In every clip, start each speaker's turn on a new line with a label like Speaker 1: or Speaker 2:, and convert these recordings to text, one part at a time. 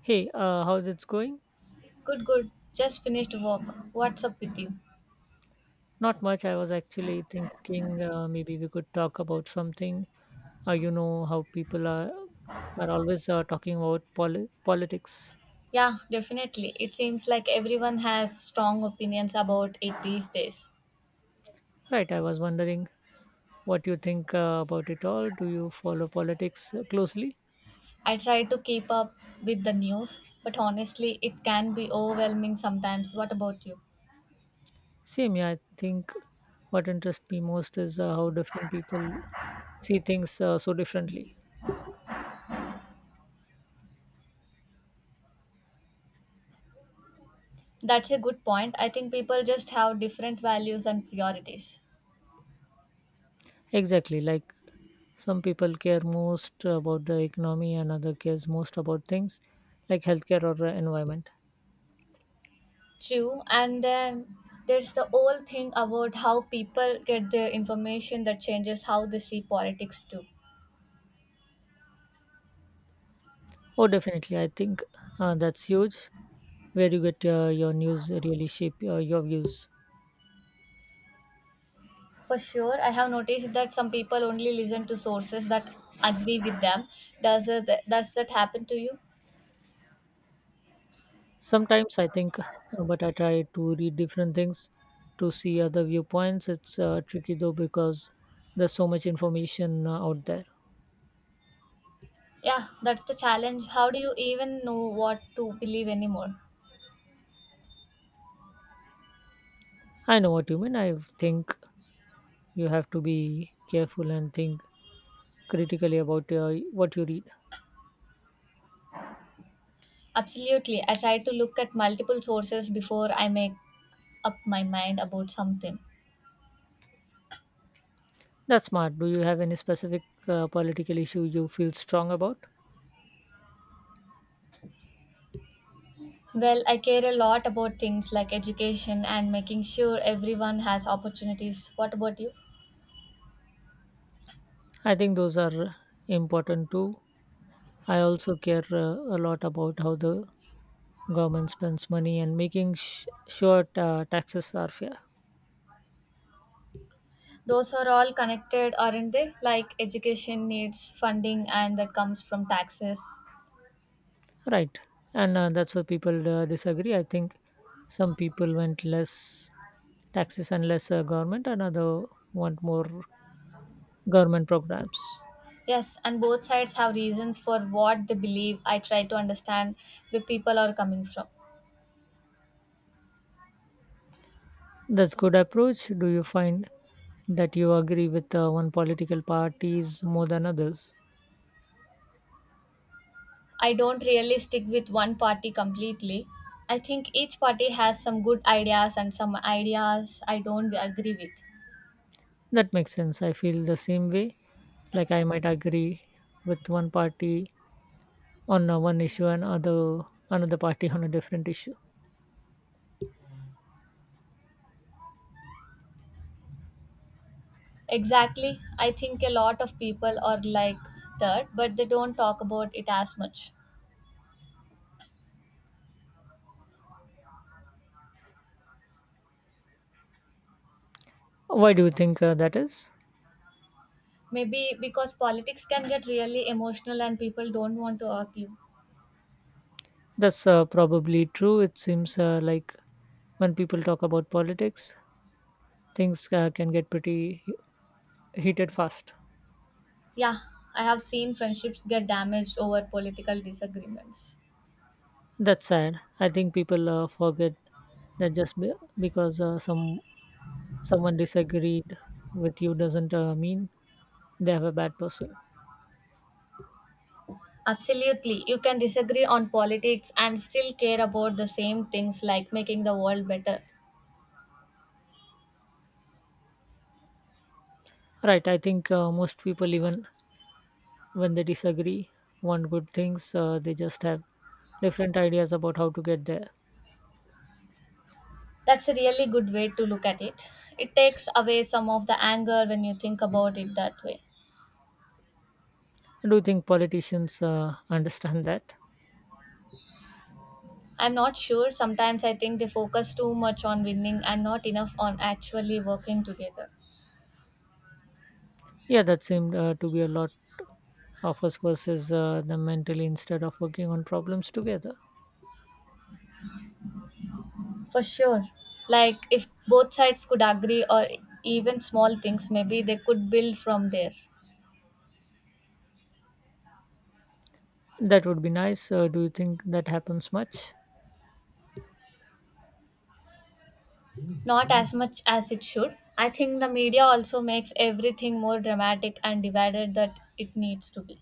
Speaker 1: Hey, how's it's going?
Speaker 2: Good, good. Just finished work. What's up with you?
Speaker 1: Not much. I was actually thinking maybe we could talk about something. You know how people are always talking about politics,
Speaker 2: Yeah, definitely. It seems like everyone has strong opinions about it these days.
Speaker 1: right? I was wondering what you think about it all. Do you follow politics closely?
Speaker 2: I try to keep up with the news, but honestly, it can be overwhelming sometimes. What about you?
Speaker 1: Same, yeah. I think what interests me most is how different people see things so differently.
Speaker 2: That's a good point. I think people just have different values and priorities.
Speaker 1: Exactly, like some people care most about the economy and other cares most about things like healthcare or environment.
Speaker 2: True. And then there's the whole thing about how people get their information that changes how they see politics too.
Speaker 1: Oh, definitely. I think that's huge where you get your news really shape your views.
Speaker 2: For sure, I have noticed that some people only listen to sources that agree with them. Does that happen to you?
Speaker 1: Sometimes I think, but I try to read different things to see other viewpoints. It's tricky though because there's so much information out there.
Speaker 2: Yeah, that's the challenge. How do you even know what to believe anymore?
Speaker 1: I know what you mean. I think you have to be careful and think critically about what you read.
Speaker 2: Absolutely. I try to look at multiple sources before I make up my mind about something.
Speaker 1: That's smart. Do you have any specific political issue you feel strong about?
Speaker 2: Well, I care a lot about things like education and making sure everyone has opportunities. What about you?
Speaker 1: I think those are important too. I also care a lot about how the government spends money and making sure taxes are fair.
Speaker 2: Those are all connected, aren't they? Like, education needs funding and that comes from taxes.
Speaker 1: Right. And that's where people disagree. I think some people want less taxes and less government, another want more government programs.
Speaker 2: Yes, and both sides have reasons for what they believe. I try to understand where people are coming from.
Speaker 1: That's good approach. Do you find that you agree with one political parties more than others?
Speaker 2: I don't really stick with one party completely. I think each party has some good ideas and some ideas I don't agree with.
Speaker 1: That makes sense. I feel the same way. Like I might agree with one party on one issue and other another party on a different issue.
Speaker 2: Exactly. I think a lot of people are like that, but they don't talk about it as much.
Speaker 1: Why do you think that is?
Speaker 2: Maybe because politics can get really emotional and people don't want to argue.
Speaker 1: That's probably true. It seems like when people talk about politics, things can get pretty heated fast.
Speaker 2: Yeah, I have seen friendships get damaged over political disagreements.
Speaker 1: That's sad. I think people forget that just because someone disagreed with you doesn't mean they have a bad person
Speaker 2: Absolutely. You can disagree on politics and still care about the same things, like making the world better.
Speaker 1: right I think most people even when they disagree want good things, they just have different ideas about how to get there.
Speaker 2: That's a really good way to look at it. It takes away some of the anger when you think about it that way.
Speaker 1: I do you think politicians understand that.
Speaker 2: I'm not sure. Sometimes I think they focus too much on winning and not enough on actually working together.
Speaker 1: Yeah, that seemed to be a lot of us versus them mentally instead of working on problems together.
Speaker 2: For sure. Like, if both sides could agree or even small things, maybe they could build from there.
Speaker 1: That would be nice, do you think that happens much?
Speaker 2: Not as much as it should. I think the media also makes everything more dramatic and divided that it needs to be.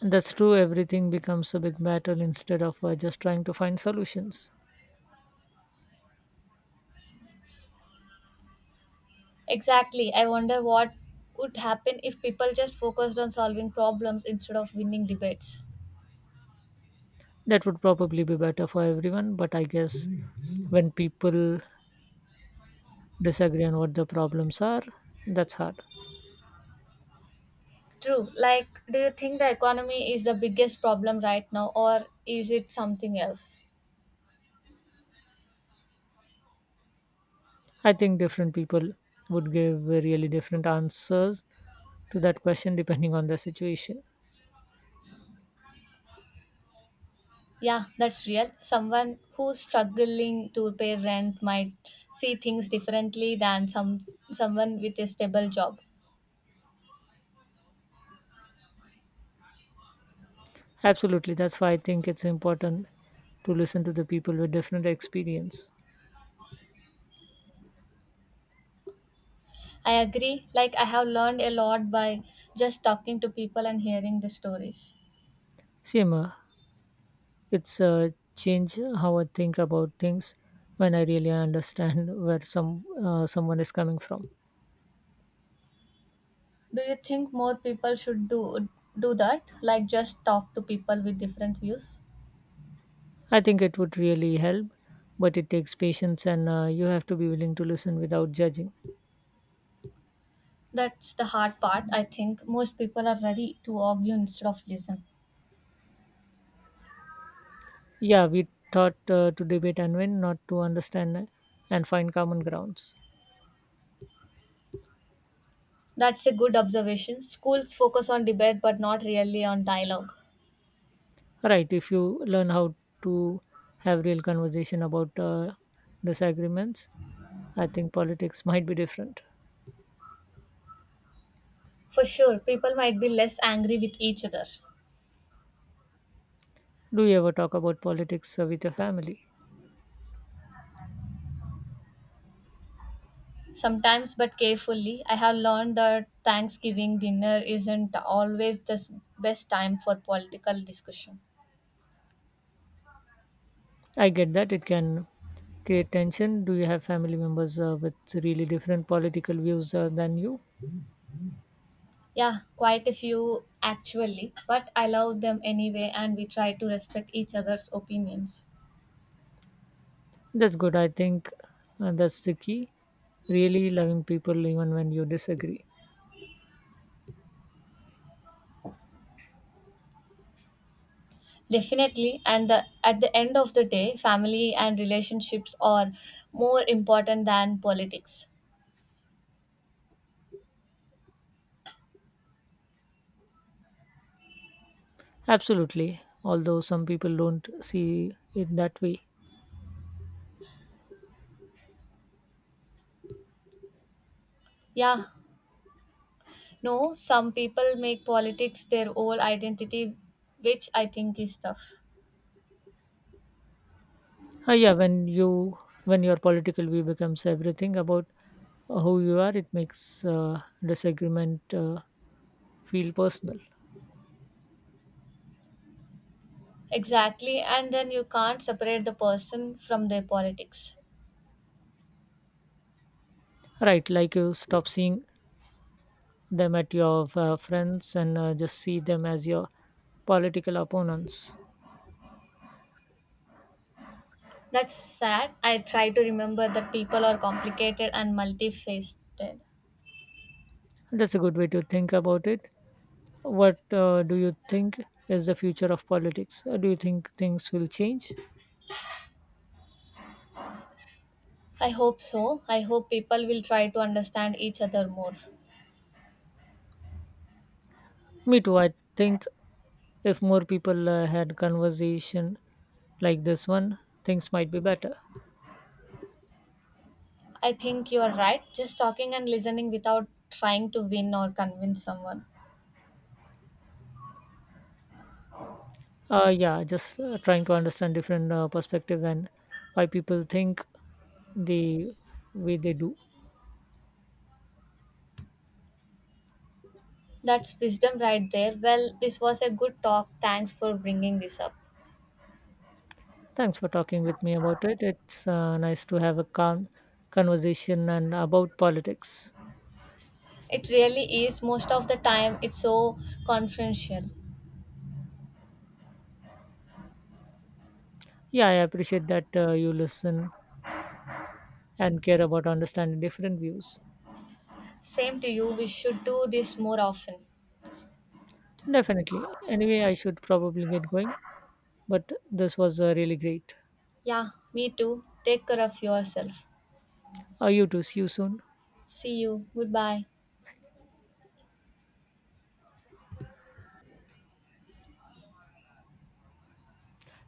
Speaker 1: That's true, everything becomes a big battle instead of just trying to find solutions.
Speaker 2: Exactly. I wonder what would happen if people just focused on solving problems instead of winning debates.
Speaker 1: That would probably be better for everyone, but I guess when people disagree on what the problems are, that's hard.
Speaker 2: True. Like, do you think the economy is the biggest problem right now, or is it something else?
Speaker 1: I think different people would give really different answers to that question depending on the situation.
Speaker 2: Yeah, that's real. Someone who's struggling to pay rent might see things differently than someone with a stable job.
Speaker 1: Absolutely, that's why I think it's important to listen to the people with different experience.
Speaker 2: I agree. Like, I have learned a lot by just talking to people and hearing the stories.
Speaker 1: Same, it's change how I think about things when I really understand where someone is coming from.
Speaker 2: Do you think more people should do that? Like, just talk to people with different views.
Speaker 1: I think it would really help, but it takes patience and you have to be willing to listen without judging.
Speaker 2: That's the hard part. I think most people are ready to argue instead of listen.
Speaker 1: Yeah, we taught to debate and win, not to understand and find common grounds.
Speaker 2: That's a good observation. Schools focus on debate but not really on dialogue.
Speaker 1: Right, if you learn how to have real conversation about disagreements, I think politics might be different.
Speaker 2: For sure, people might be less angry with each other.
Speaker 1: Do you ever talk about politics with your family?
Speaker 2: Sometimes, but carefully, I have learned that Thanksgiving dinner isn't always the best time for political discussion.
Speaker 1: I get that it can create tension. Do you have family members with really different political views than you?
Speaker 2: Yeah, quite a few actually, but I love them anyway, and we try to respect each other's opinions.
Speaker 1: That's good. I think that's the key. Really loving people even when you disagree.
Speaker 2: Definitely, and at the end of the day, family and relationships are more important than politics.
Speaker 1: Absolutely. Although some people don't see it that way.
Speaker 2: Yeah, no, some people make politics their whole identity, which I think is tough.
Speaker 1: Yeah, when you when your political view becomes everything about who you are, it makes disagreement feel personal.
Speaker 2: Exactly, and then you can't separate the person from their politics.
Speaker 1: Right, like you stop seeing them at your friends and just see them as your political opponents.
Speaker 2: That's sad. I try to remember that people are complicated and multifaceted.
Speaker 1: That's a good way to think about it. What do you think is the future of politics? Do you think things will change?
Speaker 2: I hope so. I hope people will try to understand each other more.
Speaker 1: Me too. I think if more people had conversation like this one, things might be better.
Speaker 2: I think you are right. Just talking and listening without trying to win or convince someone.
Speaker 1: Yeah, just trying to understand different perspective and why people think the way they do.
Speaker 2: That's wisdom right there. Well, this was a good talk. Thanks for bringing this up.
Speaker 1: Thanks for talking with me about it. It's nice to have a calm conversation and about politics.
Speaker 2: It really is. Most of the time, it's so confidential.
Speaker 1: Yeah, I appreciate that you listen and care about understanding different views.
Speaker 2: Same to you. We should do this more often.
Speaker 1: Definitely. Anyway, I should probably get going, but this was really great.
Speaker 2: Yeah, me too. Take care of yourself.
Speaker 1: You too. See you soon.
Speaker 2: See you. Goodbye.